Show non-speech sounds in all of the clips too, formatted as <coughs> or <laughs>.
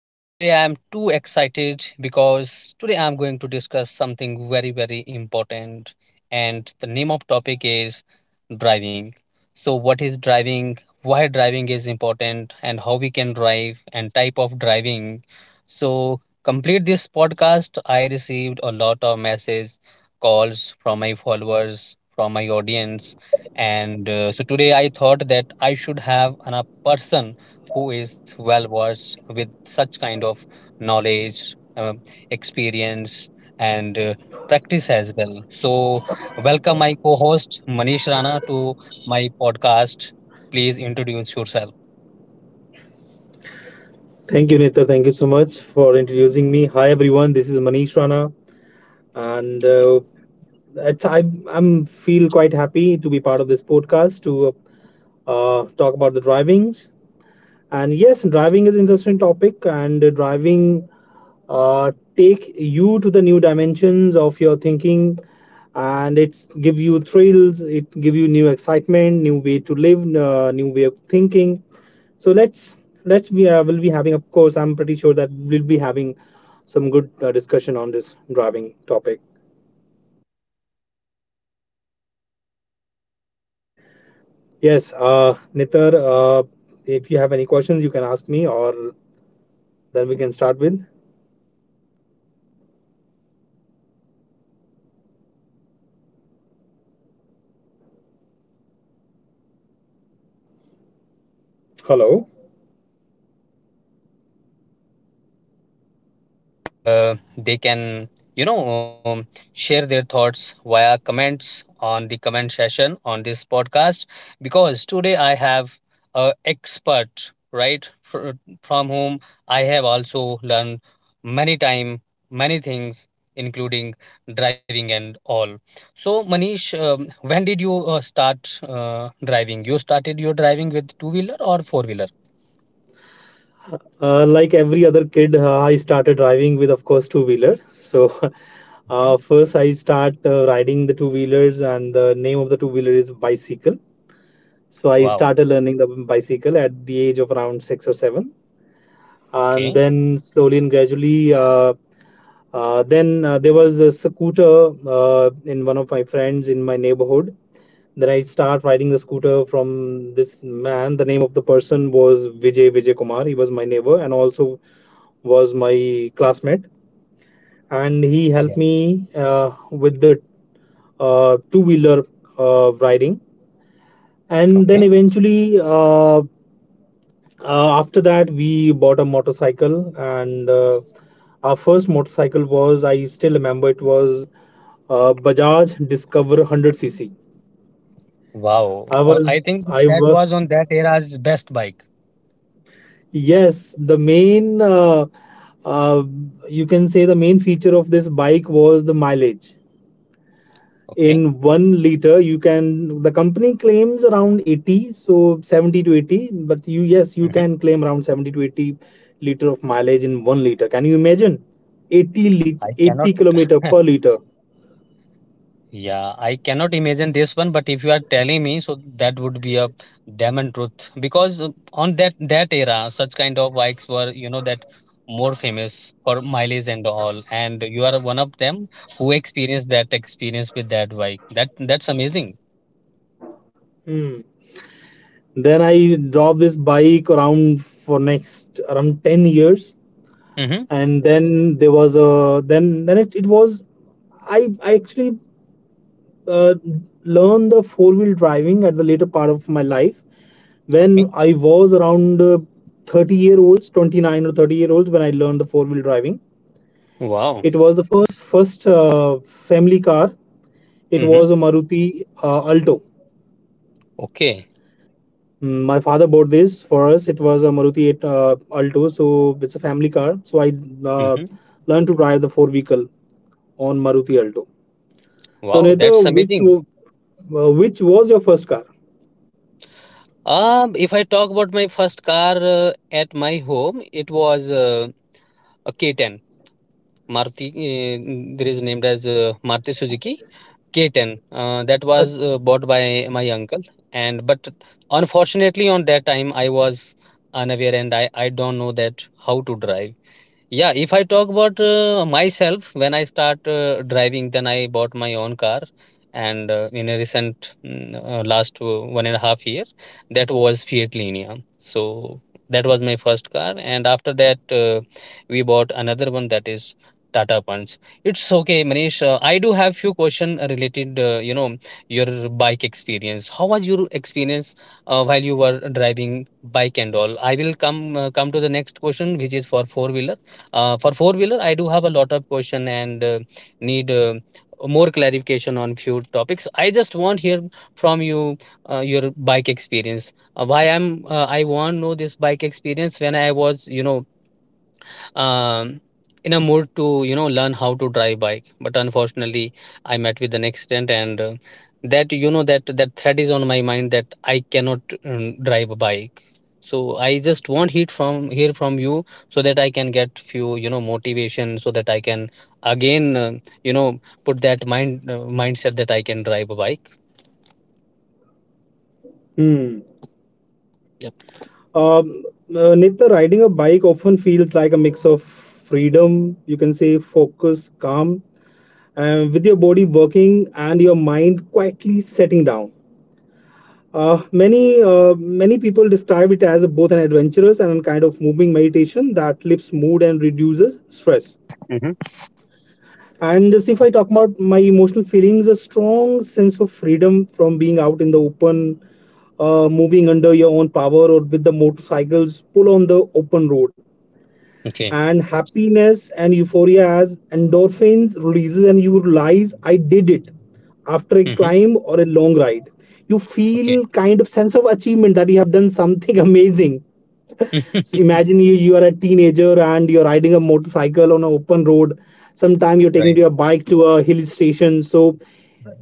So today I am too excited because today I am going to discuss something very very important, and the name of topic is driving. So what is driving, why driving is important, and how we can drive and type of driving. So complete this podcast I received a lot of message calls from my followers, from my audience, and so today I thought that I should have a person who is well versed with such kind of knowledge, experience, and practice as well. So, welcome my co host Manish Rana to my podcast. Please introduce yourself. Thank you, Nita. Thank you so much for introducing me. Hi, everyone. This is Manish Rana, and it's, I I'm feel quite happy to be part of this podcast to talk about the drivings. And yes, driving is interesting topic, and driving uh, take you to the new dimensions of your thinking, and it give you thrills, it give you new excitement, new way to live, new way of thinking. So let's be we'll be having, of course, I'm pretty sure that we'll be having some good discussion on this driving topic. Yes, Nitar, if you have any questions, you can ask me, or then we can start with hello. They can you know um, share their thoughts via comments on the comment session on this podcast, because today I have a expert, right, from whom I have also learned many time many things including driving and all. So Manish, when did you start driving? You started your driving with two wheeler or four wheeler? Like every other kid, I started driving with, of course, two wheeler. So <laughs> Okay. First I start riding the two wheelers, and the name of the two wheeler is bicycle. So I Wow. started learning the bicycle at the age of around six or seven, and Okay. then slowly and gradually. Then there was a scooter in one of my friends in my neighborhood. Then I start riding the scooter from this man. The name of the person was Vijay Kumar. He was my neighbor and also was my classmate. And he helped Yeah. me with the two wheeler riding. And then Okay. eventually, after that, we bought a motorcycle. And our first motorcycle was, I still remember, it was Bajaj Discover 100 cc. Wow. I think I that was was on that era's best bike. Yes, the main uh, you can say the main feature of this bike was the mileage. Okay. In 1 liter, you can the company claims around 80, so 70 to 80, but you yes, you Hmm. can claim around 70 to 80 liter of mileage in 1 liter. Can you imagine? I cannot, 80 kilometer per liter. yeah, I cannot imagine this one, but if you are telling me, so that would be a diamond truth because on that era, such kind of bikes were, that more famous for mileage and all, and you are one of them who experienced that experience with that bike. That's amazing. Hmm. Then I drove this bike around for next around 10 years, Mm-hmm. and then, there was a then it was I actually uh, learned the four-wheel driving at the later part of my life when Okay. I was around 30 year olds 29 or 30-year-olds when I learned the four-wheel driving. Wow. It was the first family car. It Mm-hmm. was a Maruti Alto. Okay. My father bought this for us. It was a Maruti 8 Alto, so it's a family car, so I uh, Mm-hmm. learned to drive the four vehicle on Maruti Alto. So, Wow, Neta, that's amazing. Which was your first car? If I talk about my first car at my home, it was a K10 Maruti. There is named as Maruti Suzuki K10. That A. was bought by my uncle, and but unfortunately, on that time I was unaware, and I don't know that how to drive. Yeah, if I talk about myself, when I start driving, then I bought my own car, and in a recent last 1.5 year, that was Fiat Linea. So that was my first car, and after that, we bought another one that is Tata Punch. It's okay, Manish. I do have few question related, your bike experience. How was your experience while you were driving bike and all? I will come to the next question, which is for four wheeler, I do have a lot of question and need more clarification on few topics. I just want hear from you your bike experience. Why I want know this bike experience when I was um, in a mood to learn how to drive bike, but unfortunately I met with an accident, and that you know that that threat is on my mind that I cannot drive a bike. So I just want heat from hear from you so that I can get few motivation, so that I can again put that mindset that I can drive a bike. Hmm. Yep. Um, Neta, riding a bike often feels like a mix of freedom, you can say, focus, calm, and with your body working and your mind quietly setting down. Uh, Okay. many uh, many people describe it as both an adventurous and kind of moving meditation that lifts mood and reduces stress. Mm-hmm. And just if I talk about my emotional feelings, a strong sense of freedom from being out in the open, moving under your own power or with the motorcycles, pull on the open road. Okay. And happiness and euphoria as endorphins releases, and you realize I did it after a Mm-hmm. climb or a long ride. You Okay. feel kind of sense of achievement that you have done something <laughs> amazing. <laughs> So imagine you are a teenager and you're riding a motorcycle on an open road. Sometimes you're taking Right, your bike to a hill station. So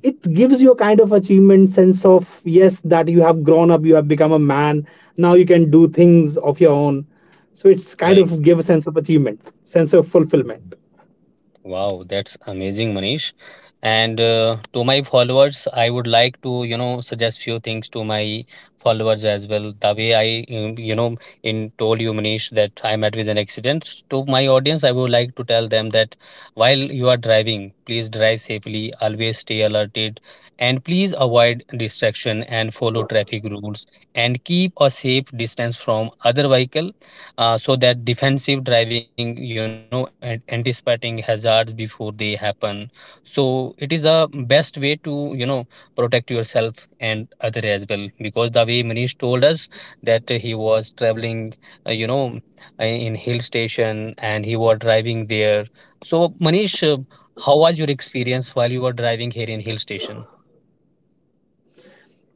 it gives you a kind of achievement sense of yes that you have grown up, you have become a man. Now you can do things of your own. So it's kind right. of give a sense of achievement, sense of fulfillment. Mm-hmm. Wow, that's amazing, Manish. And to my followers, I would like to, suggest few things to my followers as well. The way I, you know, in told you, Manish, that I met with an accident. To my audience, I would like to tell them that while you are driving, please drive safely, always stay alerted, and please avoid distraction and follow traffic rules, and keep a safe distance from other vehicle, so that defensive driving and anticipating hazards before they happen, so it is the best way to protect yourself and other as well, because the way Manish told us that he was traveling, uh, you know in hill station, and he was driving there. So Manish, how was your experience while you were driving here in hill station?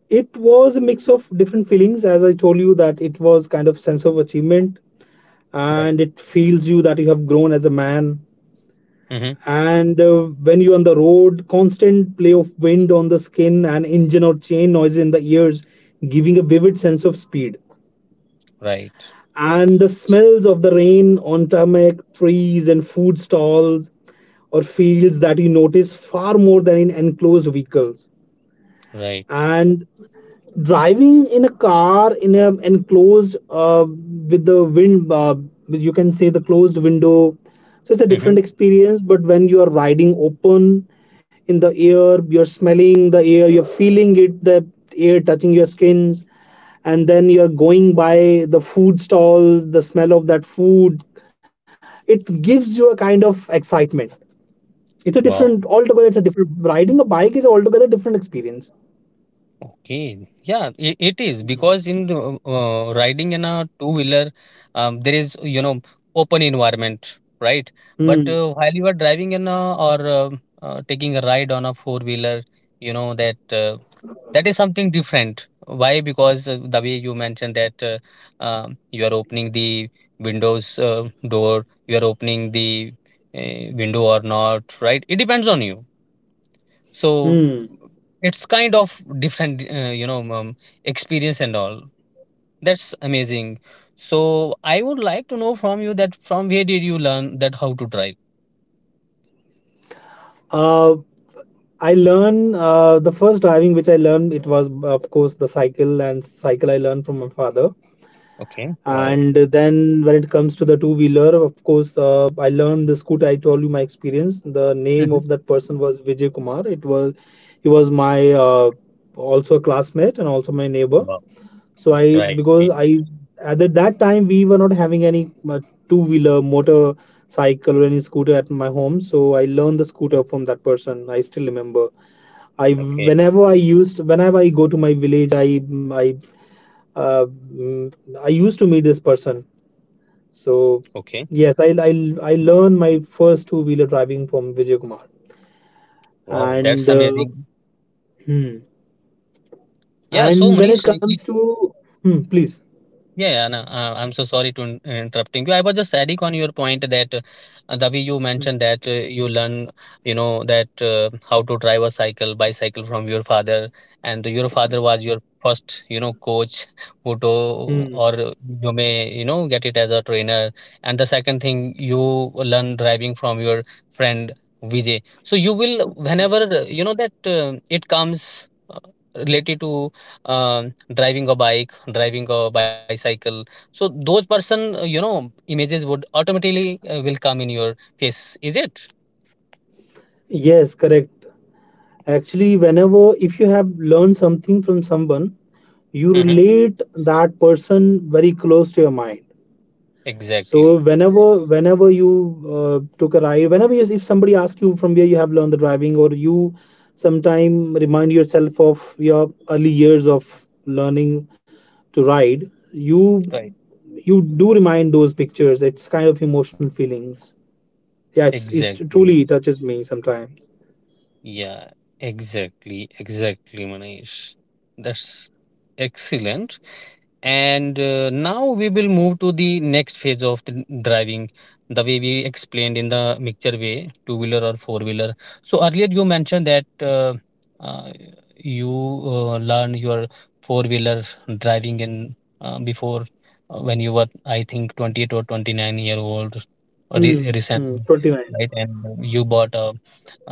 It was a mix of different feelings, as I told you that it was kind of sense of achievement, Right. and it feels you that you have grown as a man. Mm-hmm. And uh, when you're on the road, constant play of wind on the skin and engine or chain noise in the ears giving a vivid sense of speed, Right, and the smells of the rain on tarmac, trees and food stalls or fields, that you notice far more than in enclosed vehicles. right. And driving in a car in a enclosed with the wind, you can say the closed window, so it's a Mm-hmm. different experience. But when you are riding open in the air, you're smelling the air, you're feeling it, the air touching your skins. And then you're going by the food stalls, the smell of that food, it gives you a kind of excitement. Wow. It's a different riding a bike is altogether different experience. Okay. Yeah, I it is because in the riding in a two-wheeler, there is, open environment, right? But Hmm. While you are driving or taking a ride on a four-wheeler, you know, that uh, that is something different. Why? Because the way you mentioned that you are opening the windows door, you are opening the window or not, right? It depends on you. So Hmm. it's kind of different experience and all. That's amazing. So I would like to know from you that from where did you learn that how to drive. Uh, I learn the first driving which I learned, it was of course the cycle, and cycle I learned from my father. Okay. Wow. And then when it comes to the two wheeler, of course I learned the scooter. I told you my experience. The name Mhm. of that person was Vijay Kumar. It was He was my also a classmate and also my neighbor. Wow. So I Right. because I at the- that time we were not having any two-wheeler, motorcycle, or any scooter at my home. So I learned the scooter from that person. I still remember. I Okay. whenever I used whenever I go to my village, uh, mm, I used to meet this person. So Okay. yes, I learned my first two-wheeler driving from Vijay Kumar. Wow. That's And amazing. hmm. Yeah. So and Manish, when it comes to hmm, Please. yeah, yeah, no, I'm so sorry to interrupting you. I was just adding on your point that the way you mentioned that you learn, you know, that how to drive a bicycle from your father, and your father was your first, coach, <laughs> who to, Hmm. or you may, get it as a trainer. And the second thing, you learn driving from your friend Vijay. So you will, whenever you know that it comes related to driving a bike, driving a bicycle. So those person, images would automatically will come in your face. Is it? Yes, correct. Actually, whenever if you have learned something from someone, you Mm-hmm. relate that person very close to your mind. So Exactly. whenever you took a ride, whenever if somebody asks you from where you have learned the driving, or you sometime remind yourself of your early years of learning to ride, you Right. you do remind those pictures. It's kind of emotional feelings. Yeah, it's Exactly. truly touches me sometimes. Yeah. Exactly. Exactly, Manish. That's excellent. And now we will move to the next phase of the driving, the way we explained in the mixture way, two wheeler or four wheeler. So earlier you mentioned that uh, you learned your four wheeler driving in before, when you were, I think, 28 or 29-year-old Hmm. re Hmm. recently, 29. right? And you bought a,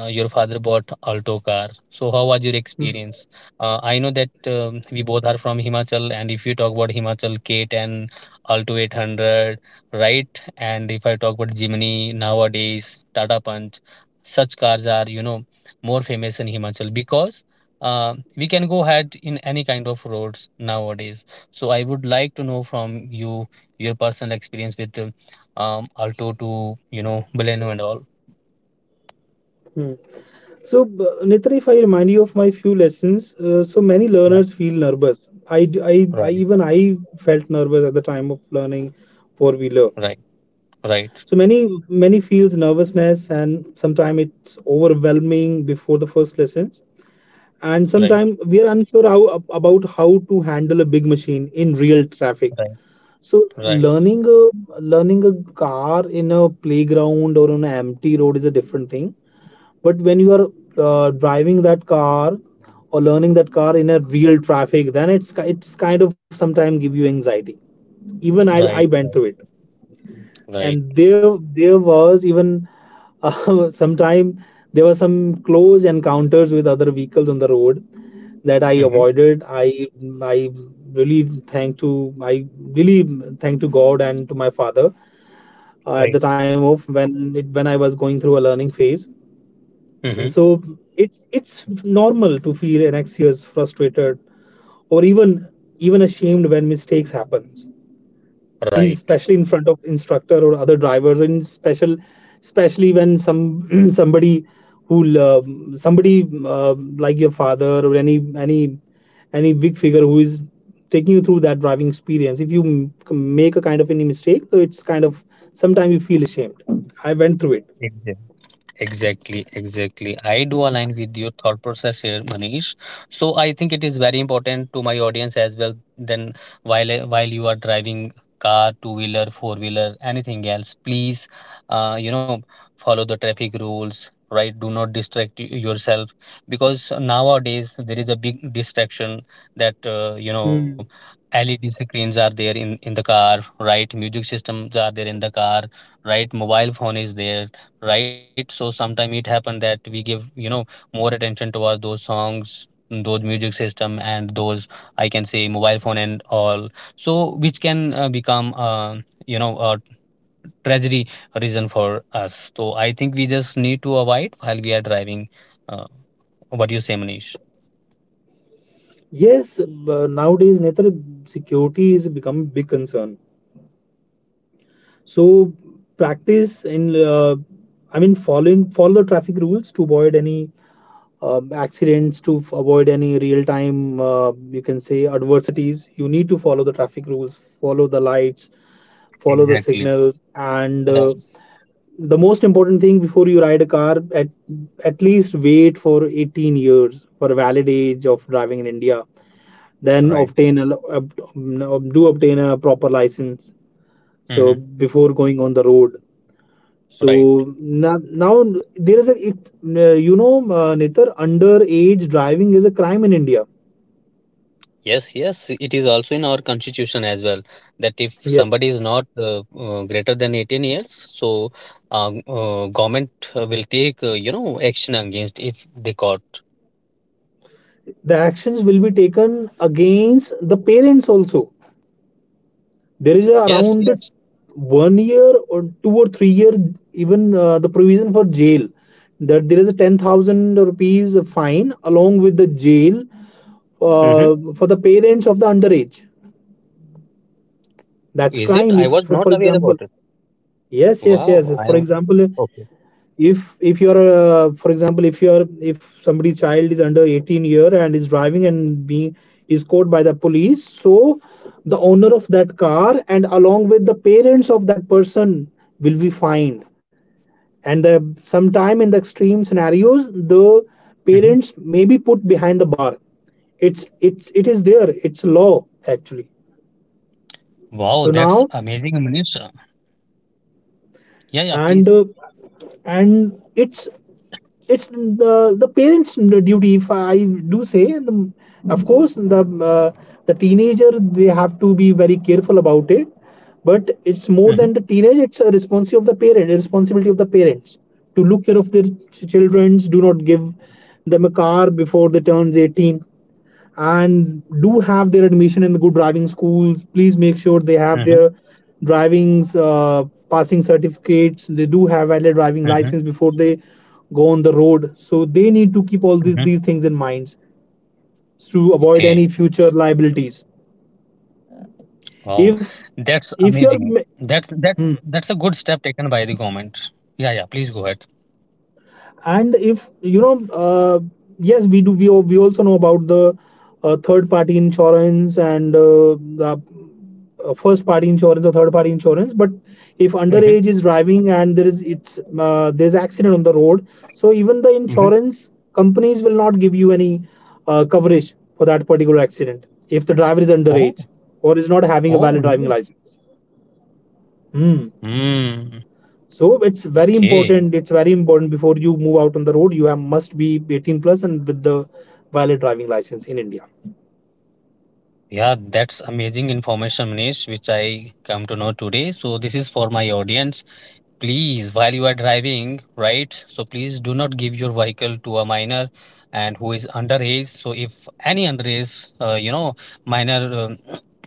uh, your father bought Alto car. So how was your Hmm. experience? I know that we both are from Himachal, and if you talk about Himachal K10, Alto 800, right? And if I talk about Jimny nowadays, Tata Punch, such cars are, more famous in Himachal because we can go ahead in any kind of roads nowadays. So I would like to know from you your personal experience with Alto to, Baleno and all. Hmm. So, Nitra, if I remind you of my few lessons, so many Yeah, learners feel nervous. I, d- I- right, even I felt nervous at the time of learning four wheeler. right, right, So many feels nervousness, and sometimes it's overwhelming before the first lessons, right, and sometimes we are unsure how about how to handle a big machine in real traffic. right, So right, learning a car in a playground or on an empty road is a different thing, but when you are driving that car or learning that car in a real traffic, then it's kind of sometimes give you anxiety. Even I right, went through it. right. And there was even <laughs> sometime there were some close encounters with other vehicles on the road that I Mm-hmm. avoided. I really thank to I really thank to god and to my father at the Right? time of when I was going through a learning phase. And Mm-hmm. so it's normal to feel anxious, frustrated, or even ashamed when mistakes happens. In Right. Especially in front of instructor or other drivers, and special especially when some <clears throat> who lo- somebody like your father or any big figure who is taking you through that driving experience, if you make a kind of any mistake, so it's kind of sometimes you feel ashamed. I went through it. Exactly. Exactly, exactly. I do align with your thought process here, Manish. So I think it is very important to my audience as well. Then while you are driving car, two wheeler, four wheeler, anything else, please, uh, you know, follow the traffic rules, right? Do not distract yourself, because nowadays there is a big distraction that, you know. LED screens are there in the car, right? Music systems are there in the car, right? Mobile phone is there, right? So sometimes it happened that we give, more attention towards those songs, those music system, and those I can say mobile phone and all. So which can become a tragedy reason for us. So I think we just need to avoid while we are driving. Uh, what do you say, Manish? Yes, nowadays, Netra, security is become a big concern. So practice, I mean, follow the traffic rules to avoid any accidents, to avoid any real-time, you can say, adversities. You need to follow the traffic rules, follow the lights, follow the Exactly. signals, and Right. the most important thing before you ride a car, at least wait for 18 years for a valid age of driving in India, then Right. Do obtain a proper license Mm-hmm. so before going on the road. Right. So now, there is a it you know Nitar, underage driving is a crime in India. Yes, yes, it is also in our constitution as well that if Yes, somebody is not greater than 18 years, so government will take action against if they caught. the actions will be taken against the parents also. There is a Yes, around yes. 1 year or 2 or 3 year, even the provision for jail, that there is a 10,000 rupees fine along with the jail Mm-hmm. For the parents of the underage. That's Is it? I crime. If, was not for aware about example, it. yes, yes, Wow, yes. I For am example, okay. If you're for example if you're if somebody's child is under 18 year and is driving and being is caught by the police, so the owner of that car and along with the parents of that person will be fined. And sometime in the extreme scenarios, the Hmm. parents may be put behind the bar. It is there, it's law actually. Wow, So that's now, amazing, Manish. Yeah, yeah, and please. and it's the parents' duty, if I do say. Of course, the teenager they have to be very careful about it, but it's Mm-hmm. more than the teenage. It's a responsibility of the parent, a responsibility of the parents to look care of their childrens. Do not give them a car before they turns 18, and do have their admission in the good driving schools. Please make sure they Mm-hmm. have their driving's passing certificates. They do have valid Mm-hmm. driving license before they go on the road. So they need to keep Mm-hmm. all these things in mind to Okay. avoid any future liabilities. Wow, If that's if amazing. your That's hmm, that that's a good step taken by the government. Yeah, yeah. Please go ahead. and if you know yes we do we, al- we also know about the third party insurance and the first party insurance or third party insurance, but if Mm-hmm. underage is driving and there is it's there's accident on the road, so even the insurance companies will not give you any coverage for that particular accident if the driver is Oh, underage or is not having a oh, valid really? driving license. Hmm. Hmm. So it's very Okay. important. It's very important before you move out on the road, must be 18 plus and with the valid driving license in India. Yeah, that's amazing information, Manish, which I come to know today. So this is for my audience. Please, while you are driving, right? So please do not give your vehicle to a minor and who is underage. So if any underage, minor.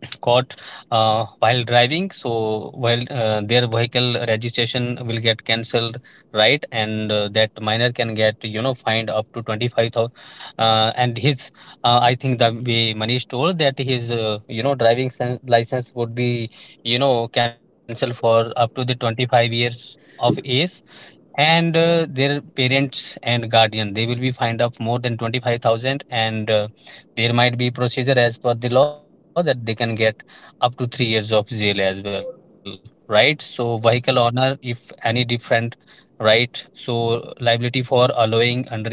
Caught while driving. So while their vehicle registration will get cancelled, right. And that minor can get fined up to 25,000. And his, I think the way Manish told, that his driving license would be cancelled for up to the 25 years of age. And their parents and guardian, they will be fined up more than 25,000, and there might be procedure as per the law that they can get up to 3 years of jail as well, right. So vehicle owner, if any different, right. So liability for allowing underage driving, same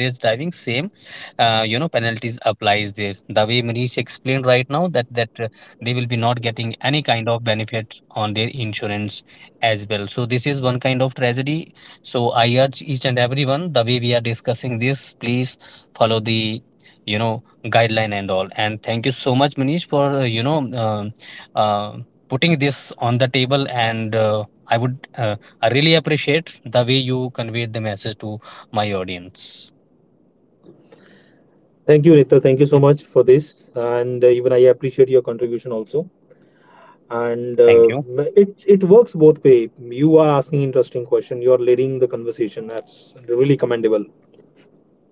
penalties applies there the way Manish explained right now, that they will be not getting any kind of benefit on their insurance as well. So this is one kind of tragedy. So I urge each and everyone, the way we are discussing this, please follow the guideline and all. And thank you so much, Manish, for, uh, putting this on the table. And I would, uh, I really appreciate the way you conveyed the message to my audience. Thank you, Nita. Thank you so Yeah. much for this, and even I appreciate your contribution also. And Thank you. it works both way. You are asking interesting question. You are leading the conversation. That's really commendable.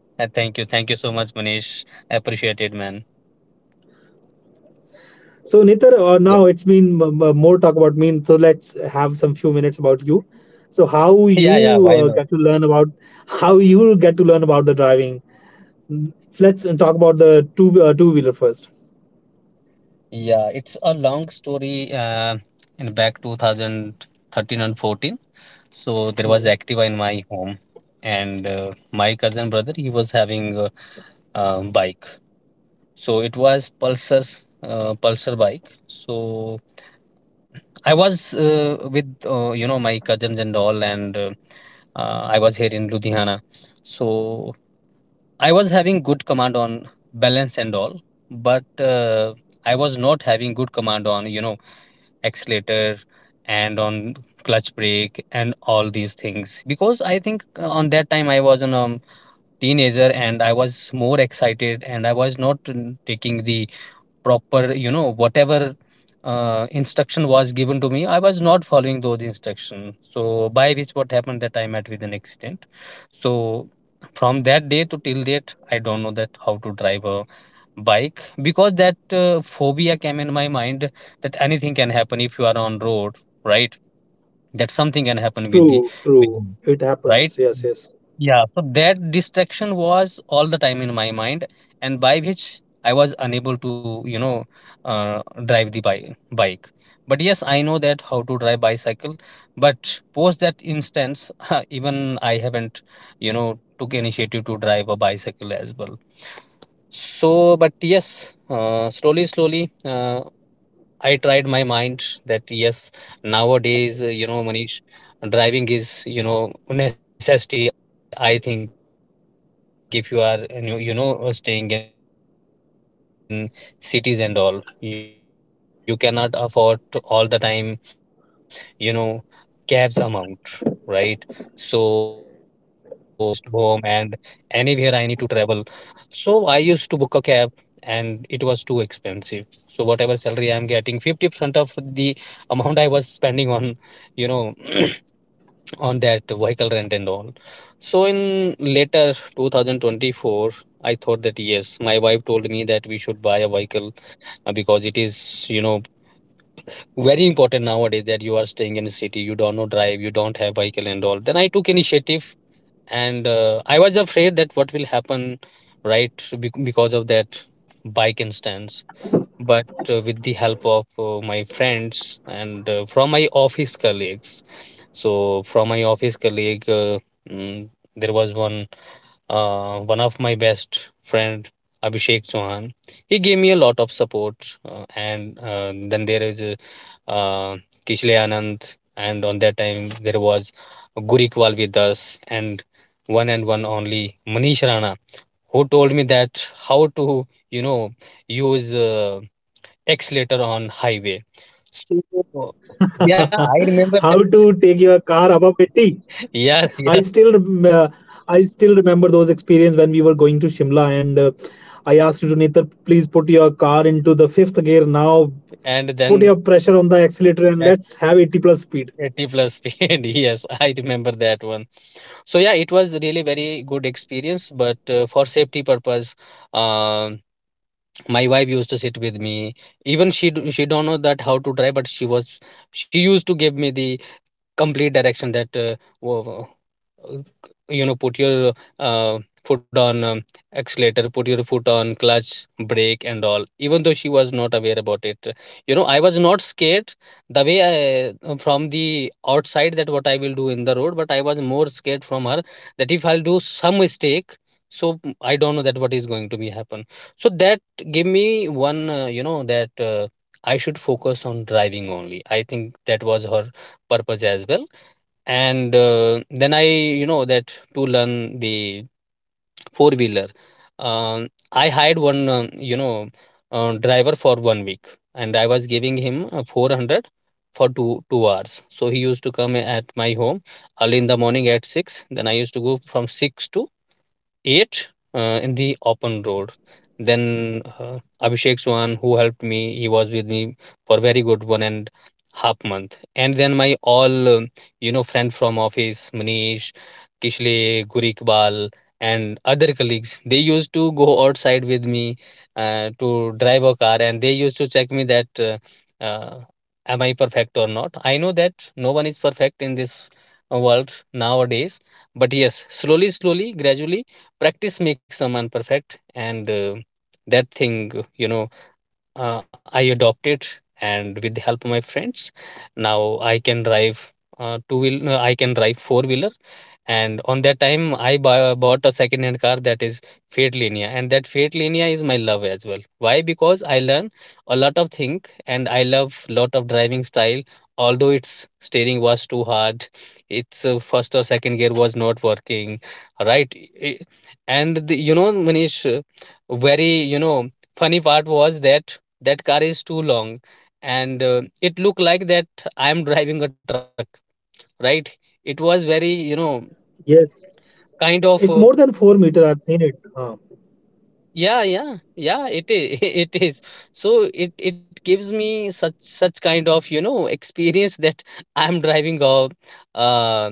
Thank you. Thank you so much, Manish. I appreciate it, man. So, Nita, Yeah. now it's been more talk about me. So let's have some few minutes about you. So, <laughs> Yeah, yeah, why not? How you get to learn about the driving. Let's talk about the two wheeler first. Yeah, it's a long story, in back 2013 and 14. So there was Mm. Activa in my home, and my cousin brother, he was having a bike. So it was Pulsar bike. So I was, with my cousins and all, and I was here in Ludhiana. So I was having good command on balance and all, but I was not having good command on accelerator and on clutch, brake and all these things, because I think, on that time I was a teenager, and I was more excited, and I was not taking the proper, whatever instruction was given to me, I was not following those instructions. So by which what happened, that I met with an accident. So from that day to till date, I don't know that how to drive a bike, because that phobia came in my mind, that anything can happen if you are on road, right. That something can happen with the, with True, you, true. It right. happens. Yes, yes. Yeah, so that distraction was all the time in my mind, and by which I was unable to drive the bike. But yes, I know that how to drive bicycle. But post that instance, <laughs> even I haven't took initiative to drive a bicycle as well. So, but yes, slowly, slowly, I tried my mind that yes, nowadays, Manish, driving is, necessity. I think if you are, staying in cities and all, you cannot afford to all the time, you know, cabs amount, right? So, in when I was traveling to office and from office to home and anywhere I need to travel, so I used to book a cab, and it was too expensive. So whatever salary I'm getting, 50% of the amount I was spending on, you know, <coughs> <clears throat> on that vehicle rent and all. So in later 2024, I thought that yes, my wife told me that we should buy a vehicle, because it is, very important nowadays that you are staying in a city, you don't know drive, you don't have vehicle and all. Then I took initiative, and I was afraid that what will happen, right, because of that bike instance. But with the help of my friends and from my office colleagues. So from my office colleague, mm, there was one of my best friend, Abhishek Chauhan. He gave me a lot of support. And Then there is uh, Kishle Anand, and on that time there was Gurikwal with us, and one only, Manish Rana, who told me that how to you know use X later on highway. So yeah, I <laughs> remember that. How <laughs> to take your car above 80? Yes, yes. I still rem- uh, I still remember those experience when we were going to Shimla, and I asked you to Netar, please put your car into the fifth gear now. And Put then your pressure on the accelerator and that's let's have 80 plus speed. 80 plus speed. <laughs> Yes, I remember that one. So yeah, it was really very good experience. But for safety purpose, um my wife used to sit with me. Even she don't know that how to drive, but she used to give me the complete direction that wo- uh, put your uh, foot on accelerator, put your foot on clutch, brake and all. Even though she was not aware about it, I was not scared the way I, from the outside, that what I will do in the road, but I was more scared from her, that if I'll do some mistake. So I don't know that what is going to be happen. So that gave me one, that I should focus on driving only. I think that was her purpose as well. And then I, that to learn the four wheeler, I hired one, driver for one week, and I was giving him, 400 for two hours. So he used to come at my home early in the morning at 6, then I used to go from 6 to 8, in the open road. Then, Abhishek Chauhan, who helped me, he was with me for very good one and half month. And then my all, friend from office, Manish, Kishle, Gurikbal, and other colleagues, they used to go outside with me, to drive a car, and they used to check me that uh, am I perfect or not. I know that no one is perfect in this, world nowadays, but yes, slowly, slowly, gradually, practice makes someone perfect. And that thing, you know I adopted, and with the help of my friends, now I can drive, two-wheel no, I can drive four wheeler. And on that time I bought a second hand car, that is Fiat Linea, and that Fiat Linea is my love as well. Why? Because I learn a lot of thing, and I love lot of driving style. Although its steering was too hard, its first or second gear was not working, right. I- and the, Manish, very, funny part was, that that car is too long, and it looked like that I am <laughs> driving a truck, right. It was very, Yes, kind of, it's more than 4 meter. I've seen it. Yeah yeah yeah it is, <laughs> it is. So it gives me such kind of, experience that <laughs> I'm driving a, uh,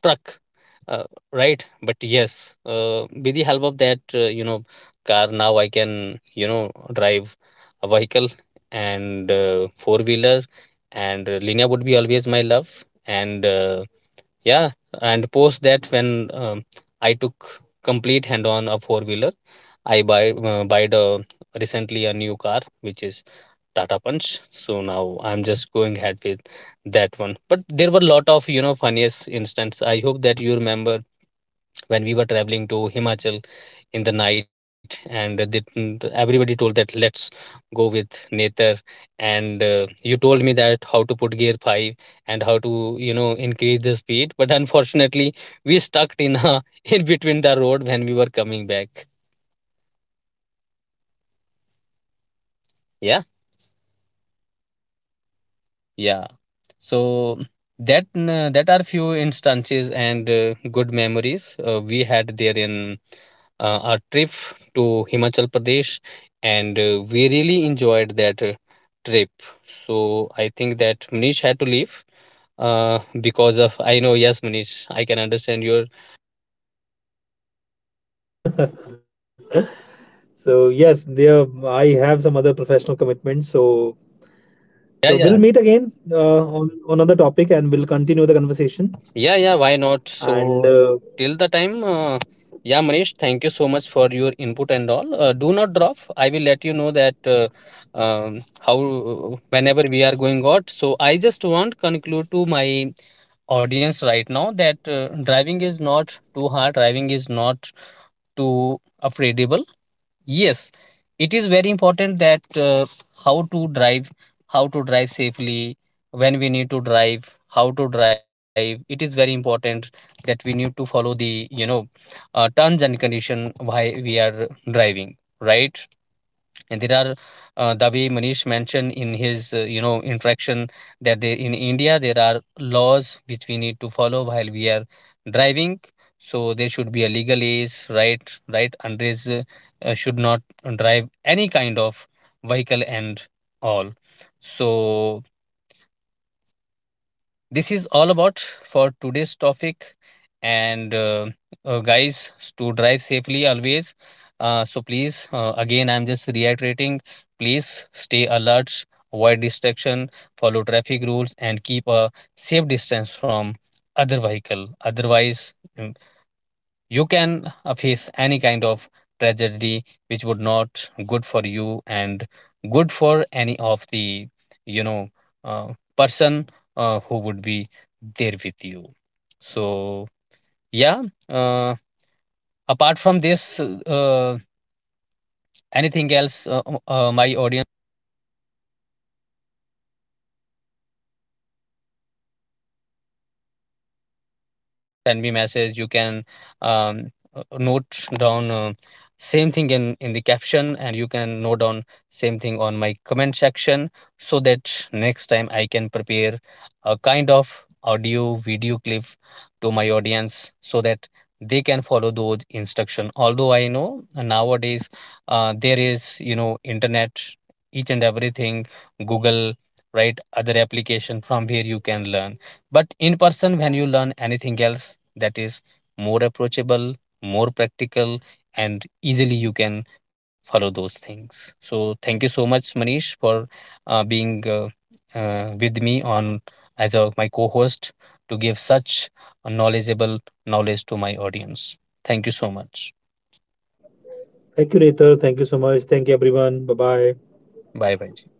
truck, uh, right. But yes, with the help of that, car, now I can, drive a vehicle, and four wheeler, and Linear would be always my love. And yeah, and post that when, I took complete hand on a four wheeler, I buy the recently a new car, which is Tata Punch. So now I'm just going ahead with that one. But there were a lot of, funniest instance. I hope that you remember when we were traveling to Himachal in the night, and the, everybody told that let's go with Nether. And you told me that how to put gear five, and how to, increase the speed. But unfortunately, we stuck in a, <laughs> in between the road when we were coming back. I do remember there Yeah. was some issue with the battery. Yeah, Yeah. so it was some kind So of yeah battery that are issue, but few if it. instances, and good memories, we had there in, our trip to Himachal Pradesh, and we really enjoyed that, trip. So I think that Manish had to leave, because of, I know, yes, Manish, I can understand your. <laughs> So yes, there I have some other professional commitments. So Yeah, we'll yeah. meet again on another topic, and we'll continue the conversations. Yeah, yeah, why not? So, And till the time, yeah, Manish, thank you so much for your input and all. Do not drop. I will let you know that, how whenever we are going out. So, I just want conclude to my audience right now that, driving is not too hard. Driving is not too afraid. Yes, it is very important that, how to drive, how to drive safely, when we need to drive, how to drive. It is very important that we need to follow the, terms and condition why we are driving, right? And there are, the way Manish mentioned in his, interaction, that they, in India, there are laws which we need to follow while we are driving. So there should be a legal age, right, right, underage should not drive any kind of vehicle and all. So this is all about for today's topic. And guys, to drive safely always, so please, again, I'm just reiterating, please stay alert, avoid distraction, follow traffic rules, and keep a safe distance from other vehicle. Otherwise, mm, you can, face any kind of tragedy, which would not good for you, and good for any of the, you know uh, person, who would be there with you. So yeah, uh, apart from this, anything else, my audience, send me message. You can, um, note down, same thing in the caption, and you can note down same thing on my comment section, so that next time I can prepare a kind of audio video clip to my audience, so that they can follow those instruction. Although I know nowadays, there is, internet, each and everything, Google, right, other application from where you can learn. But in person, when you learn anything else, that is more approachable, more practical, and easily you can follow those things. So, thank you so much, Manish, for, being, with me on, as a, my co host, to give such a knowledgeable knowledge to my audience. Thank you so much. thank you, Nathan. Thank you so much. Thank you, everyone. Bye bye. Bye bye.